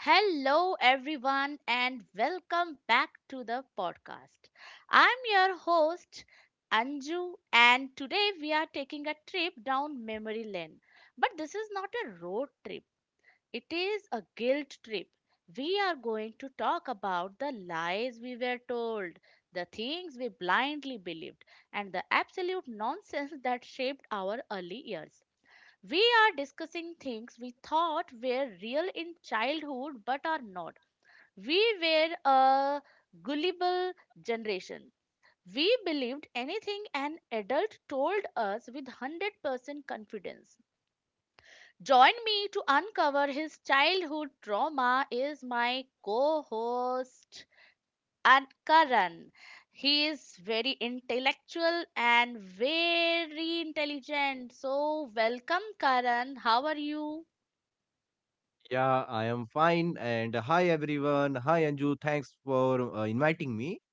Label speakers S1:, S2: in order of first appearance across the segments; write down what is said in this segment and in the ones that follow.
S1: Hello, everyone, and welcome back to the podcast. I'm your host, Anju, and today we are taking a trip down memory lane. But this is not a road trip, it is a guilt trip. We are going to talk about the lies we were told, the things we blindly believed, and the absolute nonsense that shaped our early years. We are discussing things we thought were real in childhood but are not. We were a gullible generation. We believed anything an adult told us with 100% confidence. Join me to uncover his childhood trauma is my co-host Ankaran. He is very intellectual and very intelligent. So welcome, Karan. How are you?
S2: Yeah, I am fine. And hi, everyone. Hi, Anju. Thanks for inviting me.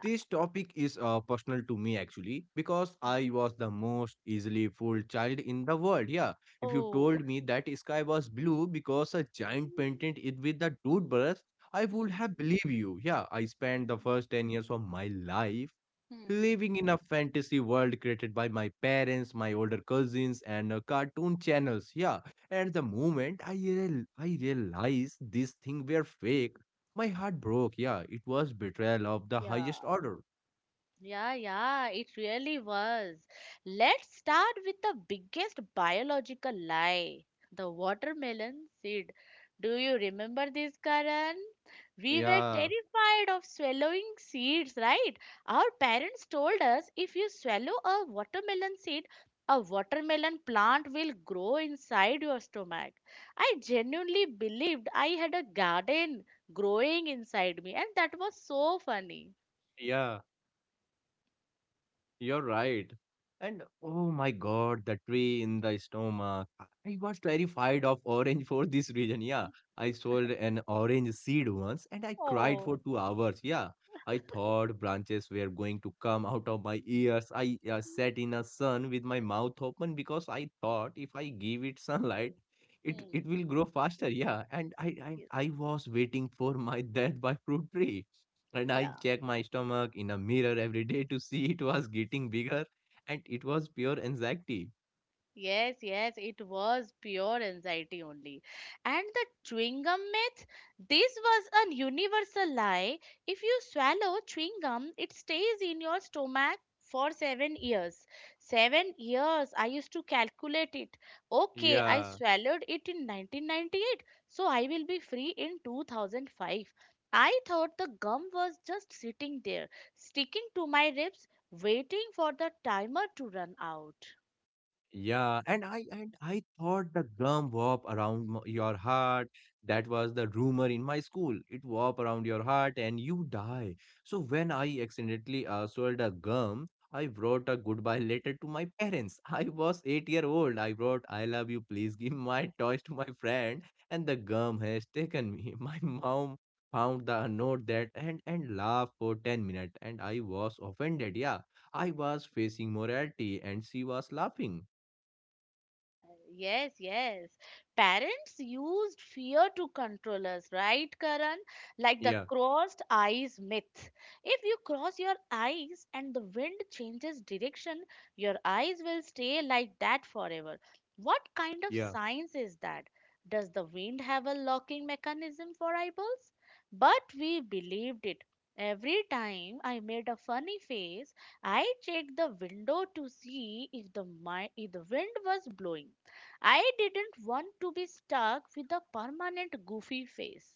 S2: This topic is personal to me actually, because
S1: Mm.
S2: I was the most easily fooled child in the world. Yeah, if you
S1: Oh.
S2: told me that sky was blue because a giant
S1: Hmm.
S2: painted it with a toothbrush, I would have believed you. Yeah, I spent the
S1: Hmm.
S2: first 10 years of my life
S1: Hmm. Hmm.
S2: living in a fantasy world created by my parents, my older
S1: Hmm.
S2: cousins, and cartoon channels. Yeah, and the moment I realized this thing were fake, my heart broke. Yeah, it was betrayal of the
S1: Yeah.
S2: highest order.
S1: Yeah, yeah, it really was. Let's start with the biggest biological lie, the watermelon seed. Do you remember this, Karan? We were
S2: Yeah,
S1: terrified of swallowing seeds, right? Our parents told us if you swallow a watermelon seed, a watermelon plant will grow inside your stomach. I genuinely believed I had a garden growing inside me, and that was so funny.
S2: yeah. You're right. And oh my god, the tree in the stomach. I was terrified of orange for this reason. Yeah, I sold an orange seed once and I cried for
S1: Oh.
S2: 2 hours. Yeah, I thought branches were going to come out of my ears. I sat in the sun with my mouth open because I thought if I give it sunlight, it
S1: Hmm.
S2: will grow faster. Yeah, and
S1: y-
S2: I was waiting for my death by fruit tree, and I
S1: Yeah.
S2: checked my stomach in a mirror every day to see it was getting bigger, and it was pure anxiety.
S1: Yes, yes, it was pure anxiety only. And the chewing gum myth, this was a universal lie. If you swallow chewing gum, it stays in your stomach for 7 years. 7 years, I used to calculate it. Okay, I
S2: Yeah.
S1: swallowed it in 1998, so I will be free in 2005. I thought the gum was just sitting there, sticking to my ribs, waiting for the timer to run out.
S2: Yeah, and I thought the gum warp around your heart. That was the rumor in my school. It warp around your heart and you die. So when I accidentally swallowed a gum, I wrote a goodbye letter to my parents. I was 8 year old. I wrote, "I love you. Please give my toys to my friend." And the gum has taken me. My mom found the note that and laughed for 10 minutes, and I was offended. Yeah, I was facing morality, and she was laughing.
S1: Yes, yes. Parents used fear to control us, right, Karan? Like the
S2: Yeah,
S1: crossed eyes myth. If you cross your eyes and the wind changes direction, your eyes will stay like that forever. What kind of
S2: yeah,
S1: science is that? Does the wind have a locking mechanism for eyeballs? But we believed it. Every time I made a funny face, I checked the window to see if the wind was blowing. I didn't want to be stuck with a permanent goofy face.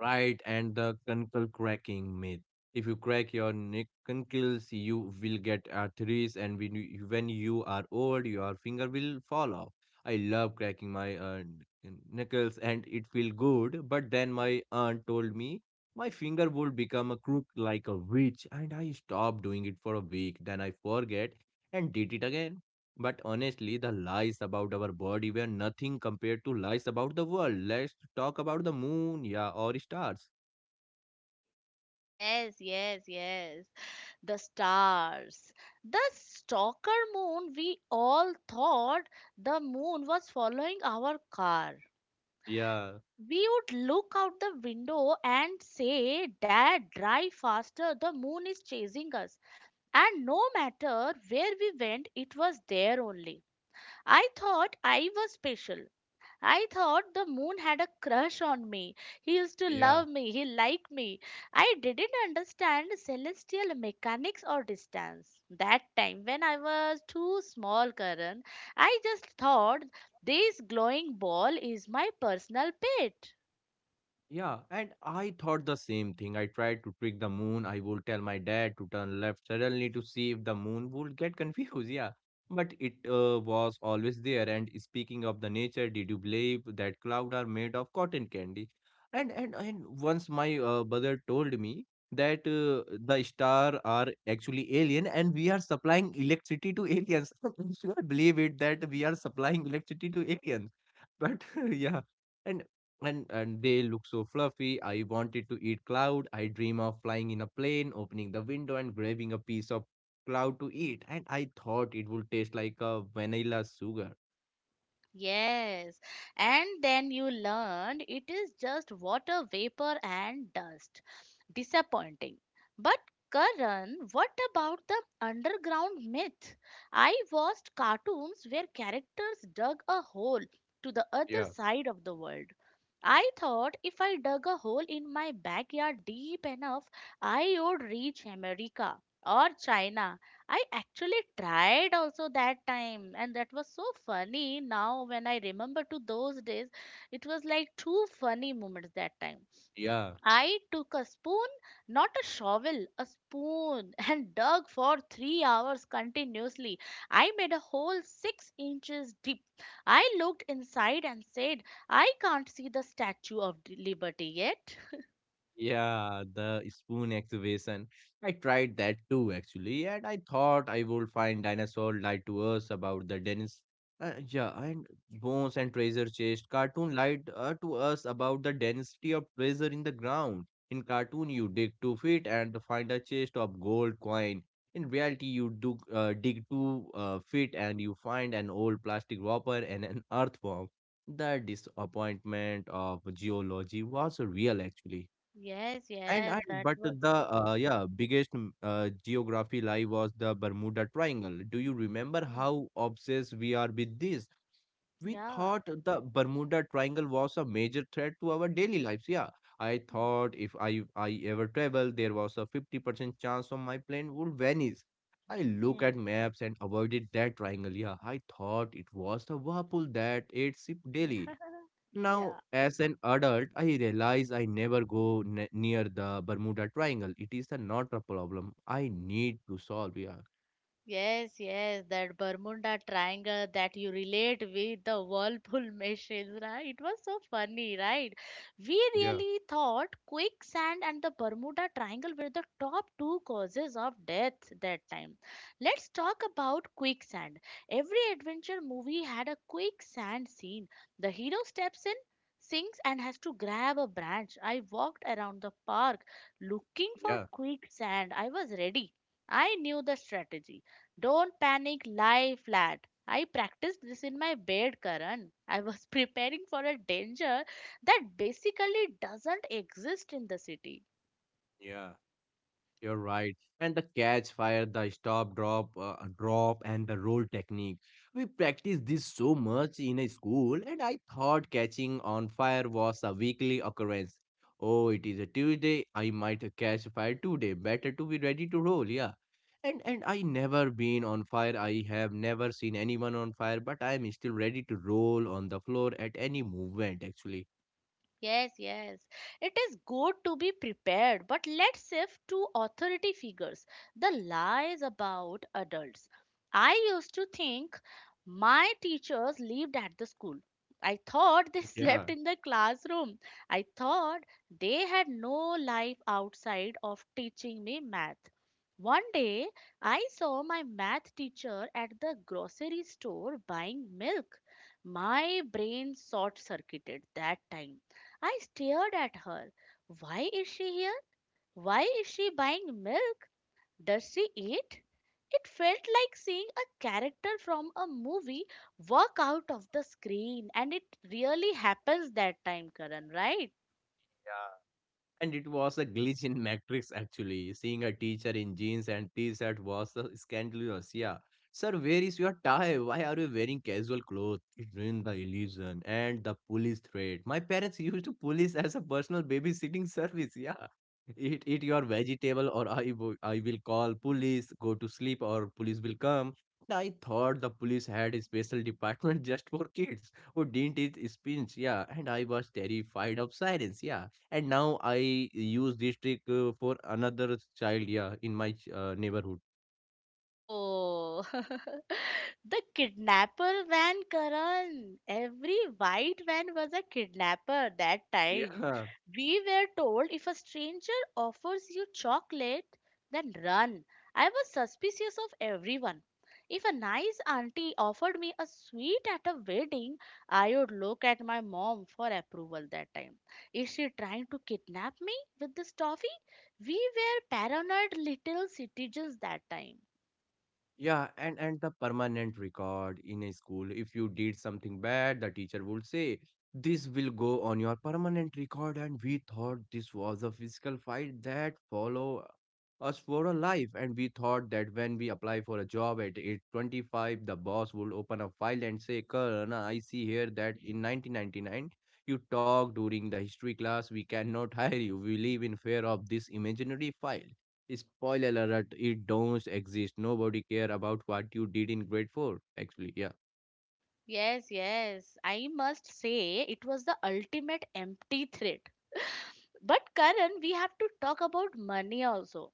S2: right. And the conkle cracking myth. If you crack your neck conkles, you will get arthritis, and when you are old, your finger will fall off. I love cracking my knuckles, and it feels good. But then my aunt told me my finger would become a crook like a witch, and I stopped doing it for a week. Then I forget and did it again. But honestly, the lies about our body were nothing compared to lies about the world. Let's talk about the moon, yeah, or stars.
S1: Yes, yes, yes. The stars. The stalker moon, we all thought the moon was following our car.
S2: Yeah,
S1: We would look out the window and say, Dad, drive faster, the moon is chasing us. And no matter where we went, it was there only. I thought I was special. I thought the moon had a crush on me. He used to
S2: yeah.
S1: love me. He liked me. I didn't understand celestial mechanics or distance. That time, when I was too small, Karan, I just thought this glowing ball is my personal pet.
S2: Yeah, and I thought the same thing. I tried to trick the moon. I would tell my dad to turn left suddenly to see if the moon would get confused. Yeah, but it was always there. And speaking of the nature, did you believe that clouds are made of cotton candy? And once my brother told me that the star are actually alien and we are supplying electricity to aliens. I could not believe it that we are supplying electricity to aliens. But yeah. And and they look so fluffy. I wanted to eat cloud. I dream of flying in a plane, opening the window and grabbing a piece of cloud to eat. And I thought it would taste like a vanilla sugar.
S1: Yes, and then you learned it is just water vapor and dust. Disappointing. But Karan, what about the underground myth? I watched cartoons where characters dug a hole to the other
S2: Yeah.
S1: side of the world. I thought if I dug a hole in my backyard deep enough, I would reach America or China. I actually tried also that time, and that was so funny. Now, when I remember to those days, it was like two funny moments that time.
S2: Yeah.
S1: I took a spoon, not a shovel, a spoon, and dug for 3 hours continuously. I made a hole 6 inches deep. I looked inside and said, I can't see the Statue of Liberty yet.
S2: Yeah, the spoon excavation. I tried that too, actually, and I thought I would find dinosaur lied to us about the Dennis. Yeah, and bones and treasure chest. Cartoon lied to us about the density of treasure in the ground. In cartoon, you dig 2 feet and find a chest of gold coin. In reality, you do dig two feet and you find an old plastic wrapper and an earthworm. The disappointment of geology was real, actually.
S1: Yes,
S2: And
S1: yes, that
S2: but
S1: was
S2: the
S1: so real.
S2: yeah biggest geography lie was the Bermuda Triangle. Do you remember
S1: Hmm.
S2: how obsessed we are with this? We
S1: Yeah.
S2: thought the Bermuda Triangle was a major threat to our daily lives. Yeah, I
S1: Hmm.
S2: thought if I ever travel, there was a 50% chance of my plane would vanish. I look
S1: Hmm.
S2: at maps and avoided that triangle. Yeah, I thought it was the Whirlpool that ate ship
S1: Yeah.
S2: daily. Now,
S1: Yeah.
S2: as an adult, I realize I never near the Bermuda Triangle. It is not a problem I need to solve. Yeah,
S1: Yes, yes, that Bermuda Triangle that you relate with the whirlpool machines, right? It was so funny, right? We
S2: yeah,
S1: really thought quicksand and the Bermuda Triangle were the top two causes of death that time. Let's talk about quicksand. Every adventure movie had a quicksand scene. The hero steps in, sinks, and has to grab a branch. I walked around the park looking for
S2: yeah,
S1: quicksand. I was ready. I knew the strategy. Don't panic, lie flat. I practiced this in my bed, Karan. I was preparing for a danger that basically doesn't exist in the city.
S2: yeah. You're right. And the catch fire, the stop, drop, and the roll technique. We practiced this so much in a school, and I thought catching on fire was a weekly occurrence. Oh, it is a Tuesday. I might catch fire today. Better to be ready to roll, yeah. And I never been on fire. I have never seen anyone on fire, but I am still ready to roll on the floor at any movement. Actually,
S1: Yes, yes. It is good to be prepared, but let's shift to authority figures. The lies about adults. I used to think my teachers lived at the school. I thought they
S2: yeah.
S1: slept in the classroom. I thought they had no life outside of teaching me math. One day, I saw my math teacher at the grocery store buying milk. My brain short circuited that time. I stared at her. Why is she here? Why is she buying milk? Does she eat? It felt like seeing a character from a movie walk out of the screen, and it really happens that time, Karan, right?
S2: And it was a glitch in Matrix actually. Seeing a teacher in jeans and t-shirt was scandalous. Yeah. Sir, where is your tie? Why are you wearing casual clothes? It ruined the illusion and the police threat. My parents used to police as a personal babysitting service. Yeah. Eat your vegetable or I will call police, go to sleep or police will come. And I thought the police had a special department just for kids who didn't eat spinach. Yeah. And I was terrified of sirens. Yeah, and now I use this trick for another child, yeah, in my neighborhood.
S1: Oh. The kidnapper van, Karan. Every white van was a kidnapper that time.
S2: Yeah.
S1: We were told if a stranger offers you chocolate, then run. I was suspicious of everyone. If a nice auntie offered me a sweet at a wedding, I would look at my mom for approval that time. Is she trying to kidnap me with this toffee? We were paranoid little citizens that time.
S2: Yeah, and the permanent record in a school. If you did something bad, the teacher would say, "This will go on your permanent record." And we thought this was a physical fight that follow us for a life. And we thought that when we apply for a job at age 25, the boss would open a file and say, "Karna, I see here that in 1999 you talked during the history class. We cannot hire you. We live in fear of this imaginary file." Spoiler alert, it don't exist. Nobody care about what you did in grade four. Actually, yeah,
S1: Yes, yes. I must say it was the ultimate empty threat. But Karan, we have to talk about money also.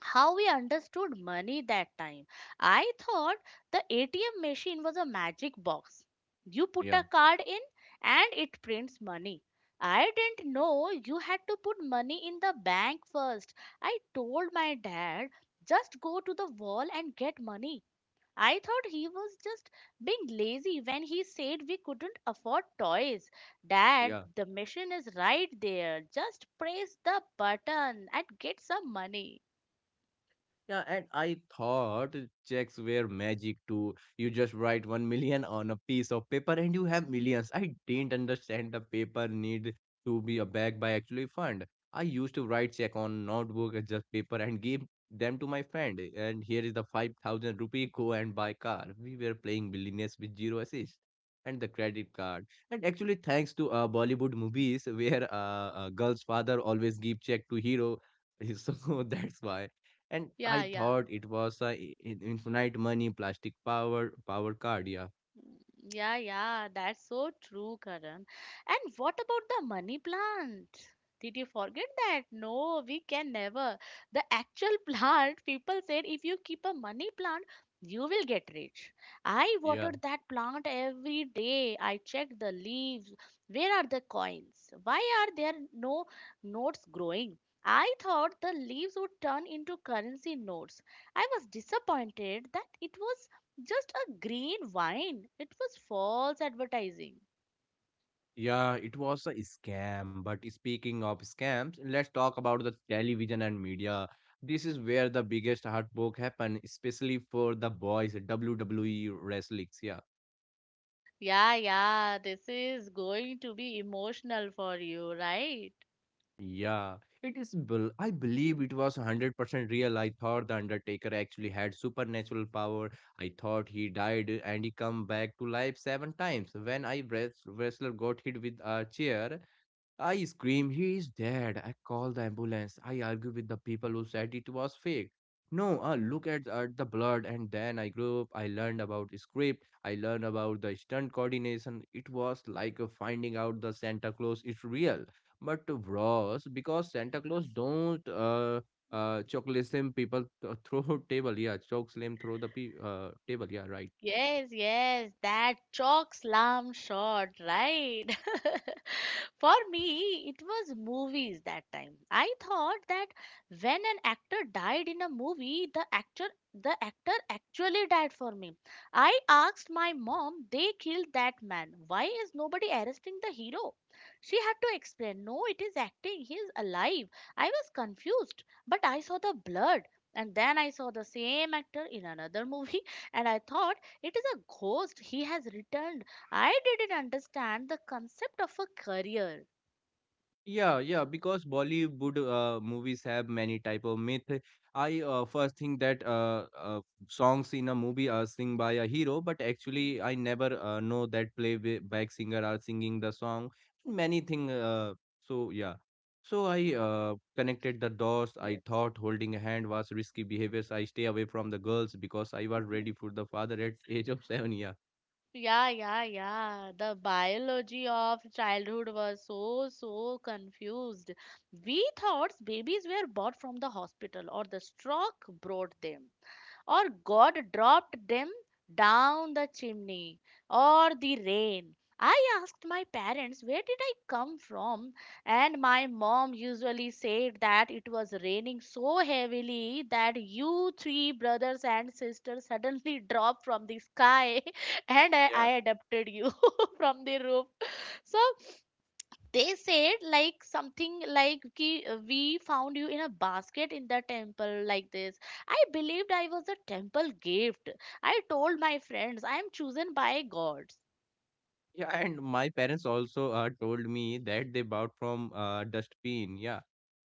S1: How we understood money that time. I thought the ATM machine was a magic box. You put a
S2: yeah,
S1: card in and it prints money. I didn't know you had to put money in the bank first. I told my dad, just go to the wall and get money. I thought he was just being lazy when he said we couldn't afford toys. Dad,
S2: yeah.
S1: the machine is right there. Just press the button and get some money.
S2: Yeah, and I thought checks were magic too. You just write 1,000,000 on a piece of paper and you have millions. I didn't understand the paper need to be a backed by actually fund. I used to write check on notebook and just paper and give them to my friend. And here is the 5,000 rupee, go and buy car. We were playing billionaires with zero assist and the credit card. And actually, thanks to Bollywood movies where a girl's father always give check to hero. So that's why, and I
S1: Yeah, yeah.
S2: thought it was a infinite money plastic power card. Yeah,
S1: Mm. Yeah, yeah, that's so true, Karan. And what about the money plant? Did you forget that? No, we can never. The actual plant, people said if you keep a money plant, you will get rich. I
S2: yeah,
S1: watered that plant every day. I checked the leaves. Where are the coins? Why are there no notes growing? I thought the leaves would turn into currency notes. I was disappointed that it was just a green wine. It was false advertising.
S2: yeah. It was a scam. But speaking of scams, let's talk about the television and media. This is where the biggest heartbreak happened, especially for the boys. WWE wrestlings. Yeah.
S1: Yeah, yeah, this is going to be emotional for you, right?
S2: Yeah, it is. I believe it was 100% real. I thought the Undertaker actually had supernatural power. I thought he died and he come back to life 7 times. When I wrestler got hit with a chair, I scream, he is dead. I call the ambulance. I argue with the people who said it was fake. No, look at the blood. And then I grew up. I learned about script. I learned about the stunt coordination. It was like finding out the Santa Claus is real, but worse because Santa Claus don't choke slim people throw table. Yeah, choke slim throw the table. Yeah, right.
S1: Yes, yes, that chalk slam shot, right? For me, it was movies that time. I thought that when an actor died in a movie, the actor actually died for me. I asked my mom, they killed that man. Why is nobody arresting the hero? She had to explain, no, it is acting. He is alive. I was confused, but I saw the blood. And then I saw the same actor in another movie, and I thought it is a ghost. He has returned. I didn't understand the concept of a career.
S2: Yeah, yeah, because Bollywood movies have many type of myth. I first think that songs in a movie are sing by a hero, but actually I never know that playback singer are singing the song. Many thing. So yeah, so I connected the dots. I
S1: Yes.
S2: thought holding a hand was risky behavior. So I stay away from the girls because I was ready for the father at age of seven. Yeah.
S1: Yeah, yeah, yeah. The biology of childhood was so, so confused. We thought babies were bought from the hospital or the stroke brought them, or God dropped them down the chimney, or the rain. I asked my parents where did I come from, and my mom usually said that it was raining so heavily that you three brothers and sisters suddenly dropped from the sky and I adopted you from the roof. So they said like something like ki, we found you in a basket in the temple like this. I believed I was a temple gift. I told my friends I am chosen by God.
S2: Yeah, and my parents also told me that they bought from dustbin. Yeah,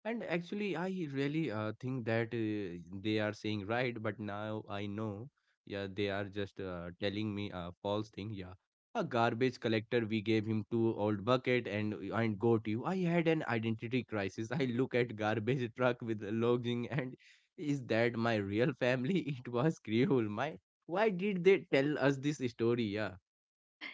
S2: and actually, I really think that they are saying right, but now I know. Yeah, they are just telling me a false thing. Yeah, a garbage collector. We gave him two old bucket and goat. You, I had an identity crisis. I look at garbage truck with logging and is that my real family? It was cruel. My Why did they tell us this story? Yeah.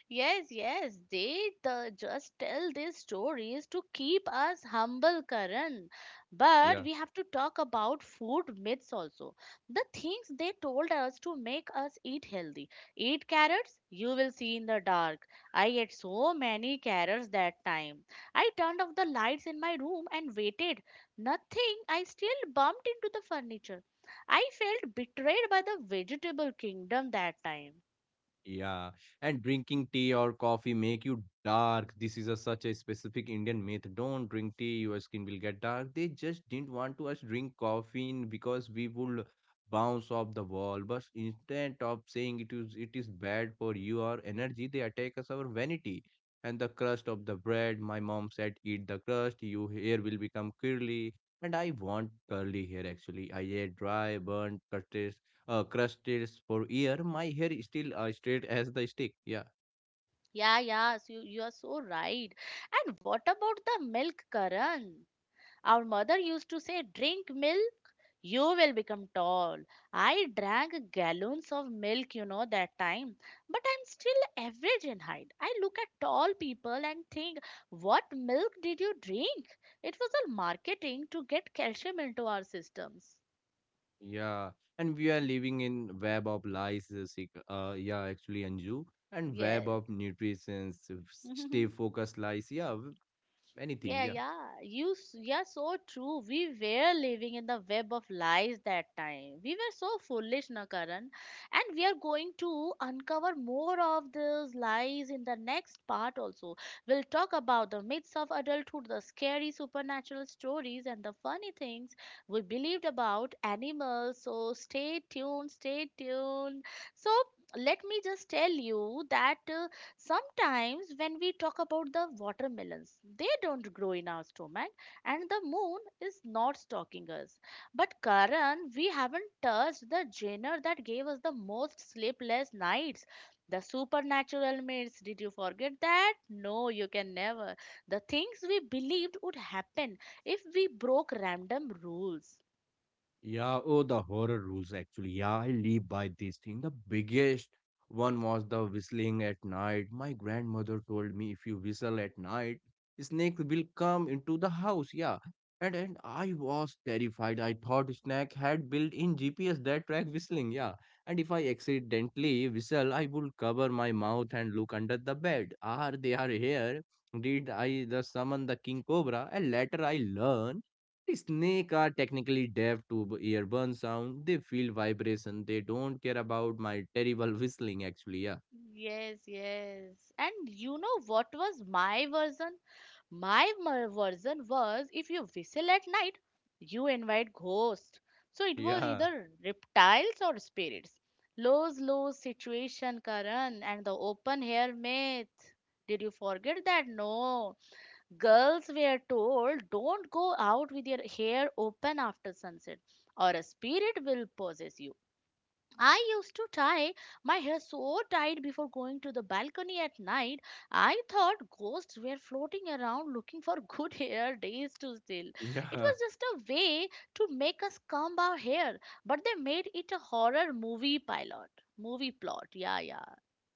S1: Yes, yes, they just tell these stories to keep us humble, Karan. But we have to talk about food myths also. The things they told us to make us eat healthy. Eat carrots, you will see in the dark. I ate so many carrots that time. I turned off the lights in my room and waited. Nothing, I still bumped into the furniture. I felt betrayed by the vegetable kingdom that time.
S2: Yeah, and drinking tea or coffee make you dark. This is a such a specific Indian myth. Don't drink tea, your skin will get dark. They just didn't want to us drink coffee in because we would bounce off the wall. But instead of saying it is bad for you or energy, they attack us our vanity and the crust of the bread. My mom said, eat the crust, your hair will become curly. And I want curly hair actually. I ate dry, burnt, cutlet crusted for year. My hair is still straight as the stick. Yeah,
S1: Yeah, yeah, so you are so right. And what about the milk, Karan? Our mother used to say, drink milk, you will become tall. I drank gallons of milk, you know, that time, but I'm still average in height. I look at tall people and think, what milk did you drink? It was all marketing to get calcium into our systems.
S2: yeah. And we are living in web of lies. Yeah, actually, Anju, and web of
S1: Yes.
S2: nutrition, stay focused lies. Anything.
S1: Yeah,
S2: Yeah.
S1: yeah. You, yeah, so true. We were living in the web of lies that time. We were so foolish, na Karan. And we are going to uncover more of those lies in the next part also. We'll talk about the myths of adulthood, the scary supernatural stories, and the funny things we believed about animals. So stay tuned, stay tuned. So let me just tell you that. Sometimes, when we talk about the watermelons, they don't grow in our stomach, and the moon is not stalking us. But, Karan, we haven't touched the genre that gave us the most sleepless nights, the supernatural myths. Did you forget that? No, you can never. The things we believed would happen if we broke random rules.
S2: Yeah, oh, the horror rules actually. Yeah, I live by this thing. The biggest one was the whistling at night. My grandmother told me if you whistle at night, snake will come into the house. Yeah. And I was terrified. I thought snake had built in GPS that track whistling. Yeah. And if I accidentally whistle, I would cover my mouth and look under the bed. Are they are here? Did I the summon the king cobra? And later I learned snake are technically deaf to earburn sound. They feel vibration. They don't care about my terrible whistling actually. Yeah.
S1: Yes, yes. And you know what was my version? Version was if you whistle at night, you invite ghosts. So it was
S2: Yeah.
S1: either reptiles or spirits. Lose lose situation, Karan, and the open air myth. Did you forget that? No. Girls were told don't go out with your hair open after sunset, or a spirit will possess you. I used to tie my hair so tight before going to the balcony at night. I thought ghosts were floating around looking for good hair days to steal. It
S2: Yeah.
S1: was just a way to make us comb our hair, but they made it a horror movie pilot. Movie plot, yeah, yeah.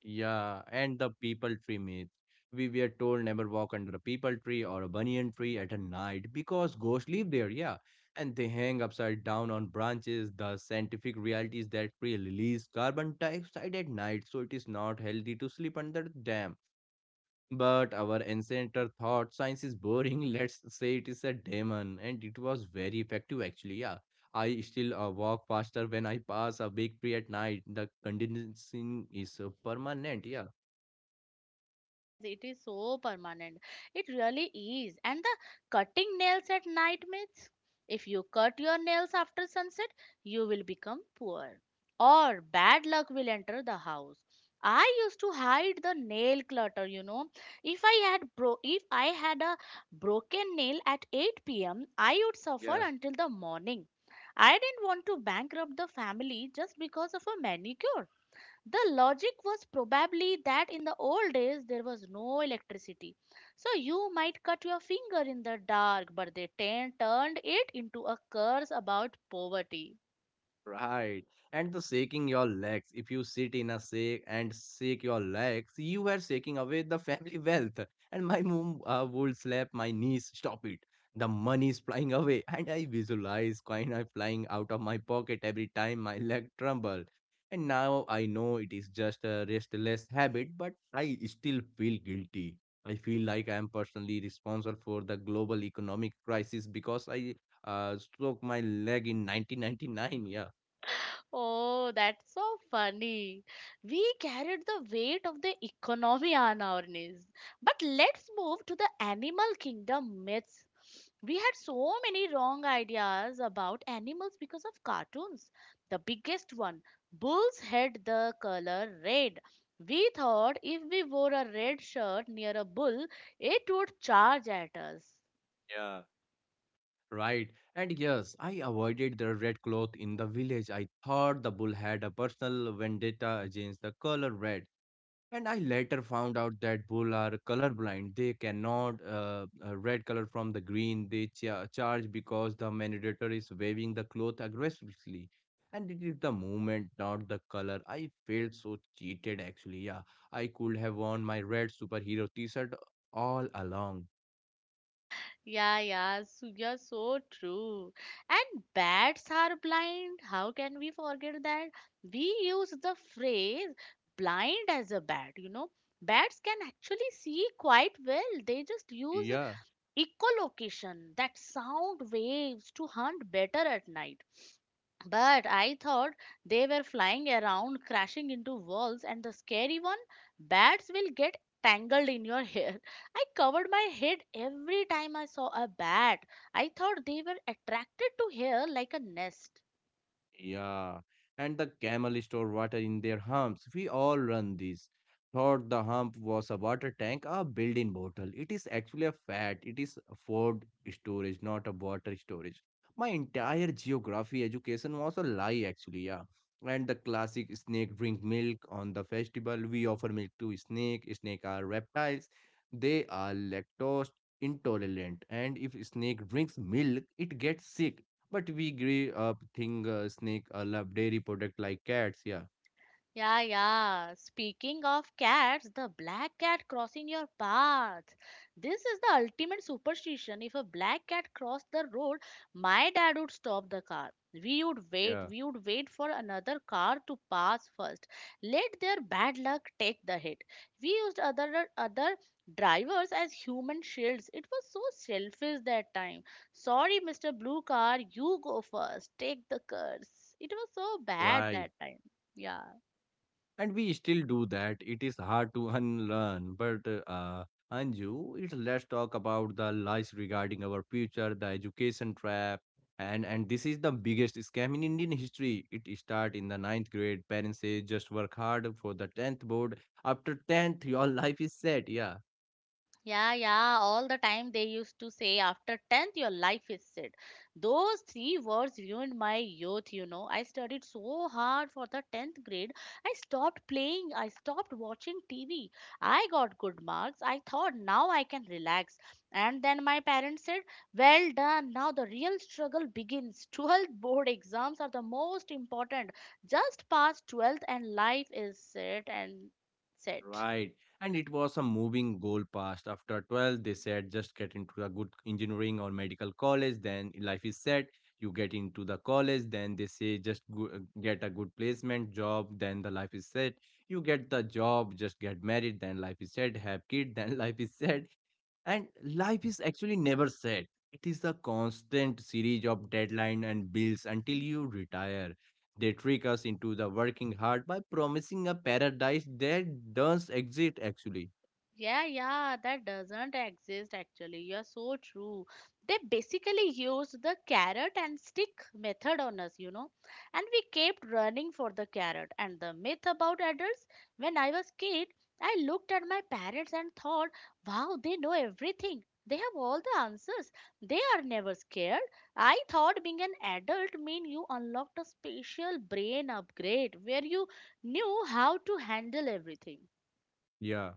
S2: Yeah. And the people tree myth. We were told never walk under a people tree or a banyan tree at a night because ghosts live there, yeah. And they hang upside down on branches. The scientific reality is that tree release carbon dioxide at night, so it is not healthy to sleep under them. But our ancestor thought science is boring. Let's say it is a demon, and it was very effective actually. Yeah, I still walk faster when I pass a big tree at night. The conditioning is permanent. Yeah,
S1: Yes, it is so permanent. It really is. And the cutting nails at night myths. If you cut your nails after sunset, you will become poor. Or bad luck will enter the house. I used to hide the nail clutter, If I had a broken nail at 8 p.m., I would suffer
S2: yeah.
S1: until the morning. I didn't want to bankrupt the family just because of a manicure. The logic was probably that in the old days there was no electricity. So you might cut your finger in the dark, but they turned it into a curse about poverty.
S2: Right. And the shaking your legs. If you sit in a shake and shake your legs, you are shaking away the family wealth. And my mom would slap my knees, stop it. The money is flying away. And I visualize coin are flying out of my pocket every time my leg tremble. And now I know it is just a restless habit, but I still feel guilty. I feel like I am personally responsible for the global economic crisis because I stroke my leg in 1999. Yeah.
S1: Oh, that's so funny. We carried the weight of the economy on our knees. But let's move to the animal kingdom myths. We had so many wrong ideas about animals because of cartoons. The biggest one, bulls had the color red. We thought if we wore a red shirt near a bull, it would charge at us.
S2: Yeah, right. And yes, I avoided the red cloth in the village. I thought the bull had a personal vendetta against the color red. And I later found out that bull are colorblind. They cannot red color from the green. Charge because the manipulator is waving the cloth aggressively. And it is the movement, not the color. I felt so cheated actually. Yeah, I could have worn my red superhero t-shirt all along.
S1: Yeah, yeah, so you're so true. And bats are blind. How can we forget that? We use the phrase blind as a bat, you know. Bats can actually see quite well. They just use
S2: Yeah.
S1: echolocation, that sound waves, to hunt better at night. But I thought they were flying around, crashing into walls, and the scary one, bats will get tangled in your hair. I covered my head every time I saw a bat. I thought they were attracted to hair like a nest.
S2: Yeah, and the camel store water in their humps. We all run these. Thought the hump was a water tank, a built-in bottle. It is actually a fat. It is a food storage, not a water storage. My entire geography education was a lie, actually. Yeah, and the classic snake drink milk on the festival. We offer milk to snake. Snake are reptiles. They are lactose intolerant, and if snake drinks milk, it gets sick, but we grew up think snake love dairy product like cats. Yeah,
S1: Yeah, yeah. Speaking of cats, the black cat crossing your path. This is the ultimate superstition. If a black cat crossed the road, my dad would stop the car. We would wait,
S2: yeah,
S1: we would wait for another car to pass first. Let their bad luck take the hit. We used other drivers as human shields. It was so selfish that time. Sorry, Mr. Blue Car, you go first. Take the curse. It was so bad
S2: right.
S1: that time. Yeah.
S2: And we still do that. It is hard to unlearn. But Anju, it, let's talk about the lies regarding our future, the education trap. And this is the biggest scam in Indian history. It start in the 9th grade. Parents say just work hard for the 10th board. After 10th, your life is set. Yeah.
S1: Yeah, yeah, all the time they used to say after 10th your life is set. Those three words ruined my youth, you know. I studied so hard for the 10th grade. I stopped playing, I stopped watching TV. I got good marks. I thought now I can relax. And then my parents said, "Well done. Now the real struggle begins. 12th board exams are the most important. Just pass 12th and life is set and set."
S2: Right. And it was a moving goal past. After 12, they said just get into a good engineering or medical college, then life is set. You get into the college, then they say just get a good placement job, then the life is set. You get the job, just get married, then life is set. Have kid, then life is set. And life is actually never set. It is a constant series of deadlines and bills until you retire. They trick us into the working hard by promising a paradise that does exist actually.
S1: Yeah, yeah, that doesn't exist actually. You're so true. They basically used the carrot and stick method on us, you know, and we kept running for the carrot. And the myth about adults, when I was kid, I looked at my parents and thought, wow, they know everything. They have all the answers. They are never scared. I thought being an adult mean you unlocked a special brain upgrade where you knew how to handle everything.
S2: Yeah.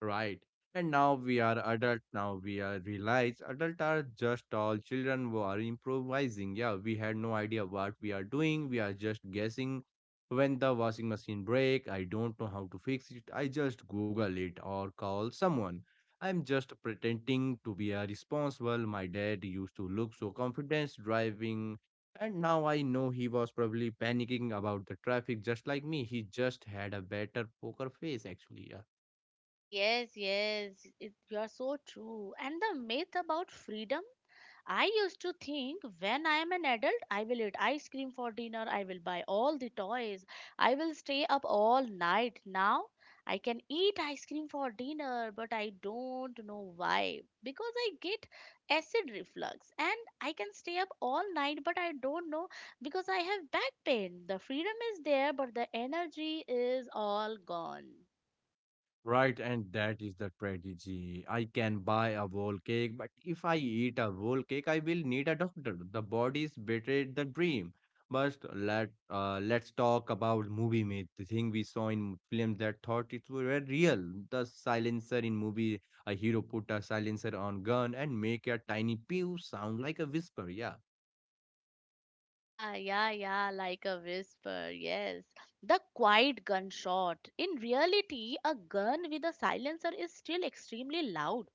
S2: Right. And now we are adult. Now we are realize adult are just all children who are improvising. Yeah, we had no idea what we are doing. We are just guessing when the washing machine break. I don't know how to fix it. I just Google it or call someone. I'm just pretending to be a responsible. My dad used to look so confident driving, and now I know he was probably panicking about the traffic just like me. He just had a better poker face actually. Yeah.
S1: Yes, yes, it, you're so true. And the myth about freedom. I used to think when I am an adult, I will eat ice cream for dinner, I will buy all the toys, I will stay up all night. Now I can eat ice cream for dinner, but I don't know why. Because I get acid reflux and I can stay up all night, but I don't know because I have back pain. The freedom is there, but the energy is all gone.
S2: Right, and that is the tragedy. I can buy a whole cake, but if I eat a whole cake, I will need a doctor. The body's betrayed the dream. But let's talk about movie myth, the thing we saw in films that thought it were real. The silencer in movie, a hero put a silencer on gun and make a tiny pew sound like a whisper. Yeah.
S1: Yeah, yeah, yeah, like a whisper, yes. The quiet gunshot. In reality, a gun with a silencer is still extremely loud.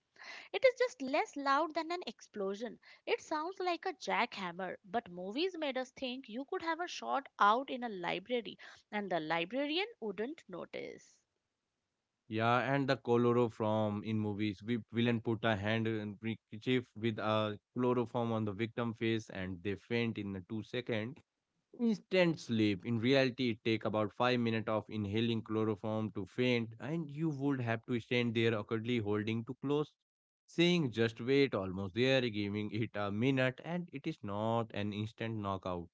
S1: It is just less loud than an explosion. It sounds like a jackhammer, but movies made us think you could have a shot out in a library and the librarian wouldn't notice.
S2: Yeah, and the chloroform in movies. We villain put a hand in handkerchief with a chloroform on the victim face and they faint in the 2 second. Instant sleep. In reality, it take about 5 minutes of inhaling chloroform to faint, and you would have to stand there awkwardly holding too close, saying just wait, almost there, giving it a minute, and it is not an instant knockout.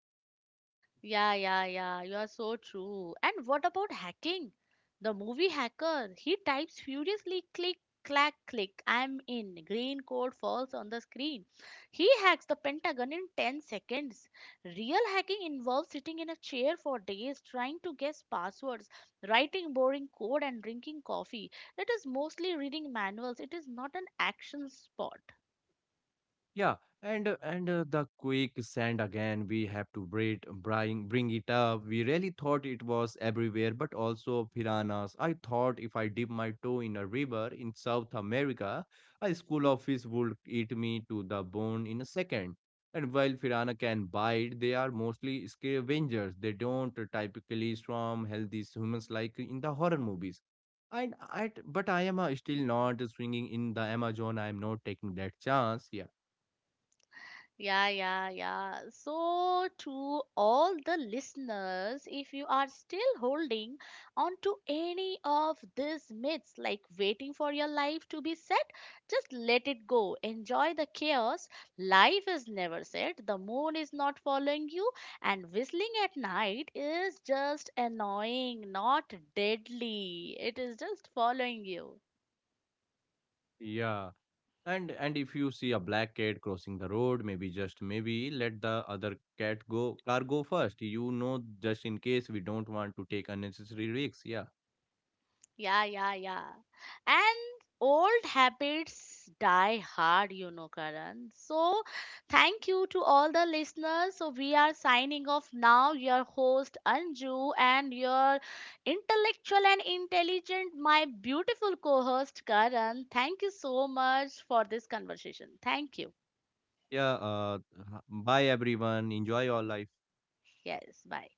S1: Yeah, yeah, yeah. You are so true. And what about hacking? The movie hacker, he types furiously click, clack, click. I'm in. Green code falls on the screen. He hacks the Pentagon in 10 seconds. Real hacking involves sitting in a chair for days, trying to guess passwords, writing boring code, and drinking coffee. It is mostly reading manuals. It is not an action sport.
S2: Yeah, and the quick sand again. We have to braid, bring it up. We really thought it was everywhere, but also piranhas. I thought if I dip my toe in a river in South America, a school of fish would eat me to the bone in a second. And while piranha can bite, they are mostly scavengers. They don't typically swarm healthy humans like in the horror movies. And I, but I am still not swinging in the Amazon. I am not taking that chance. Yeah.
S1: Yeah, yeah, yeah. So, to all the listeners, if you are still holding on to any of these myths, like waiting for your life to be set, just let it go. Enjoy the chaos. Life is never set, the moon is not following you, and whistling at night is just annoying, not deadly. It is just following you.
S2: Yeah, and if you see a black cat crossing the road, maybe just maybe let the other cat go car go first. You know, just in case we don't want to take unnecessary risks. Yeah,
S1: Yeah, yeah, yeah. And old habits die hard, you know, Karan. So, thank you to all the listeners. So, we are signing off now. Your host, Anju, and your intellectual and intelligent, my beautiful co host, Karan. Thank you so much for this conversation. Thank you.
S2: yeah. Bye everyone. Enjoy your life.
S1: Yes, bye.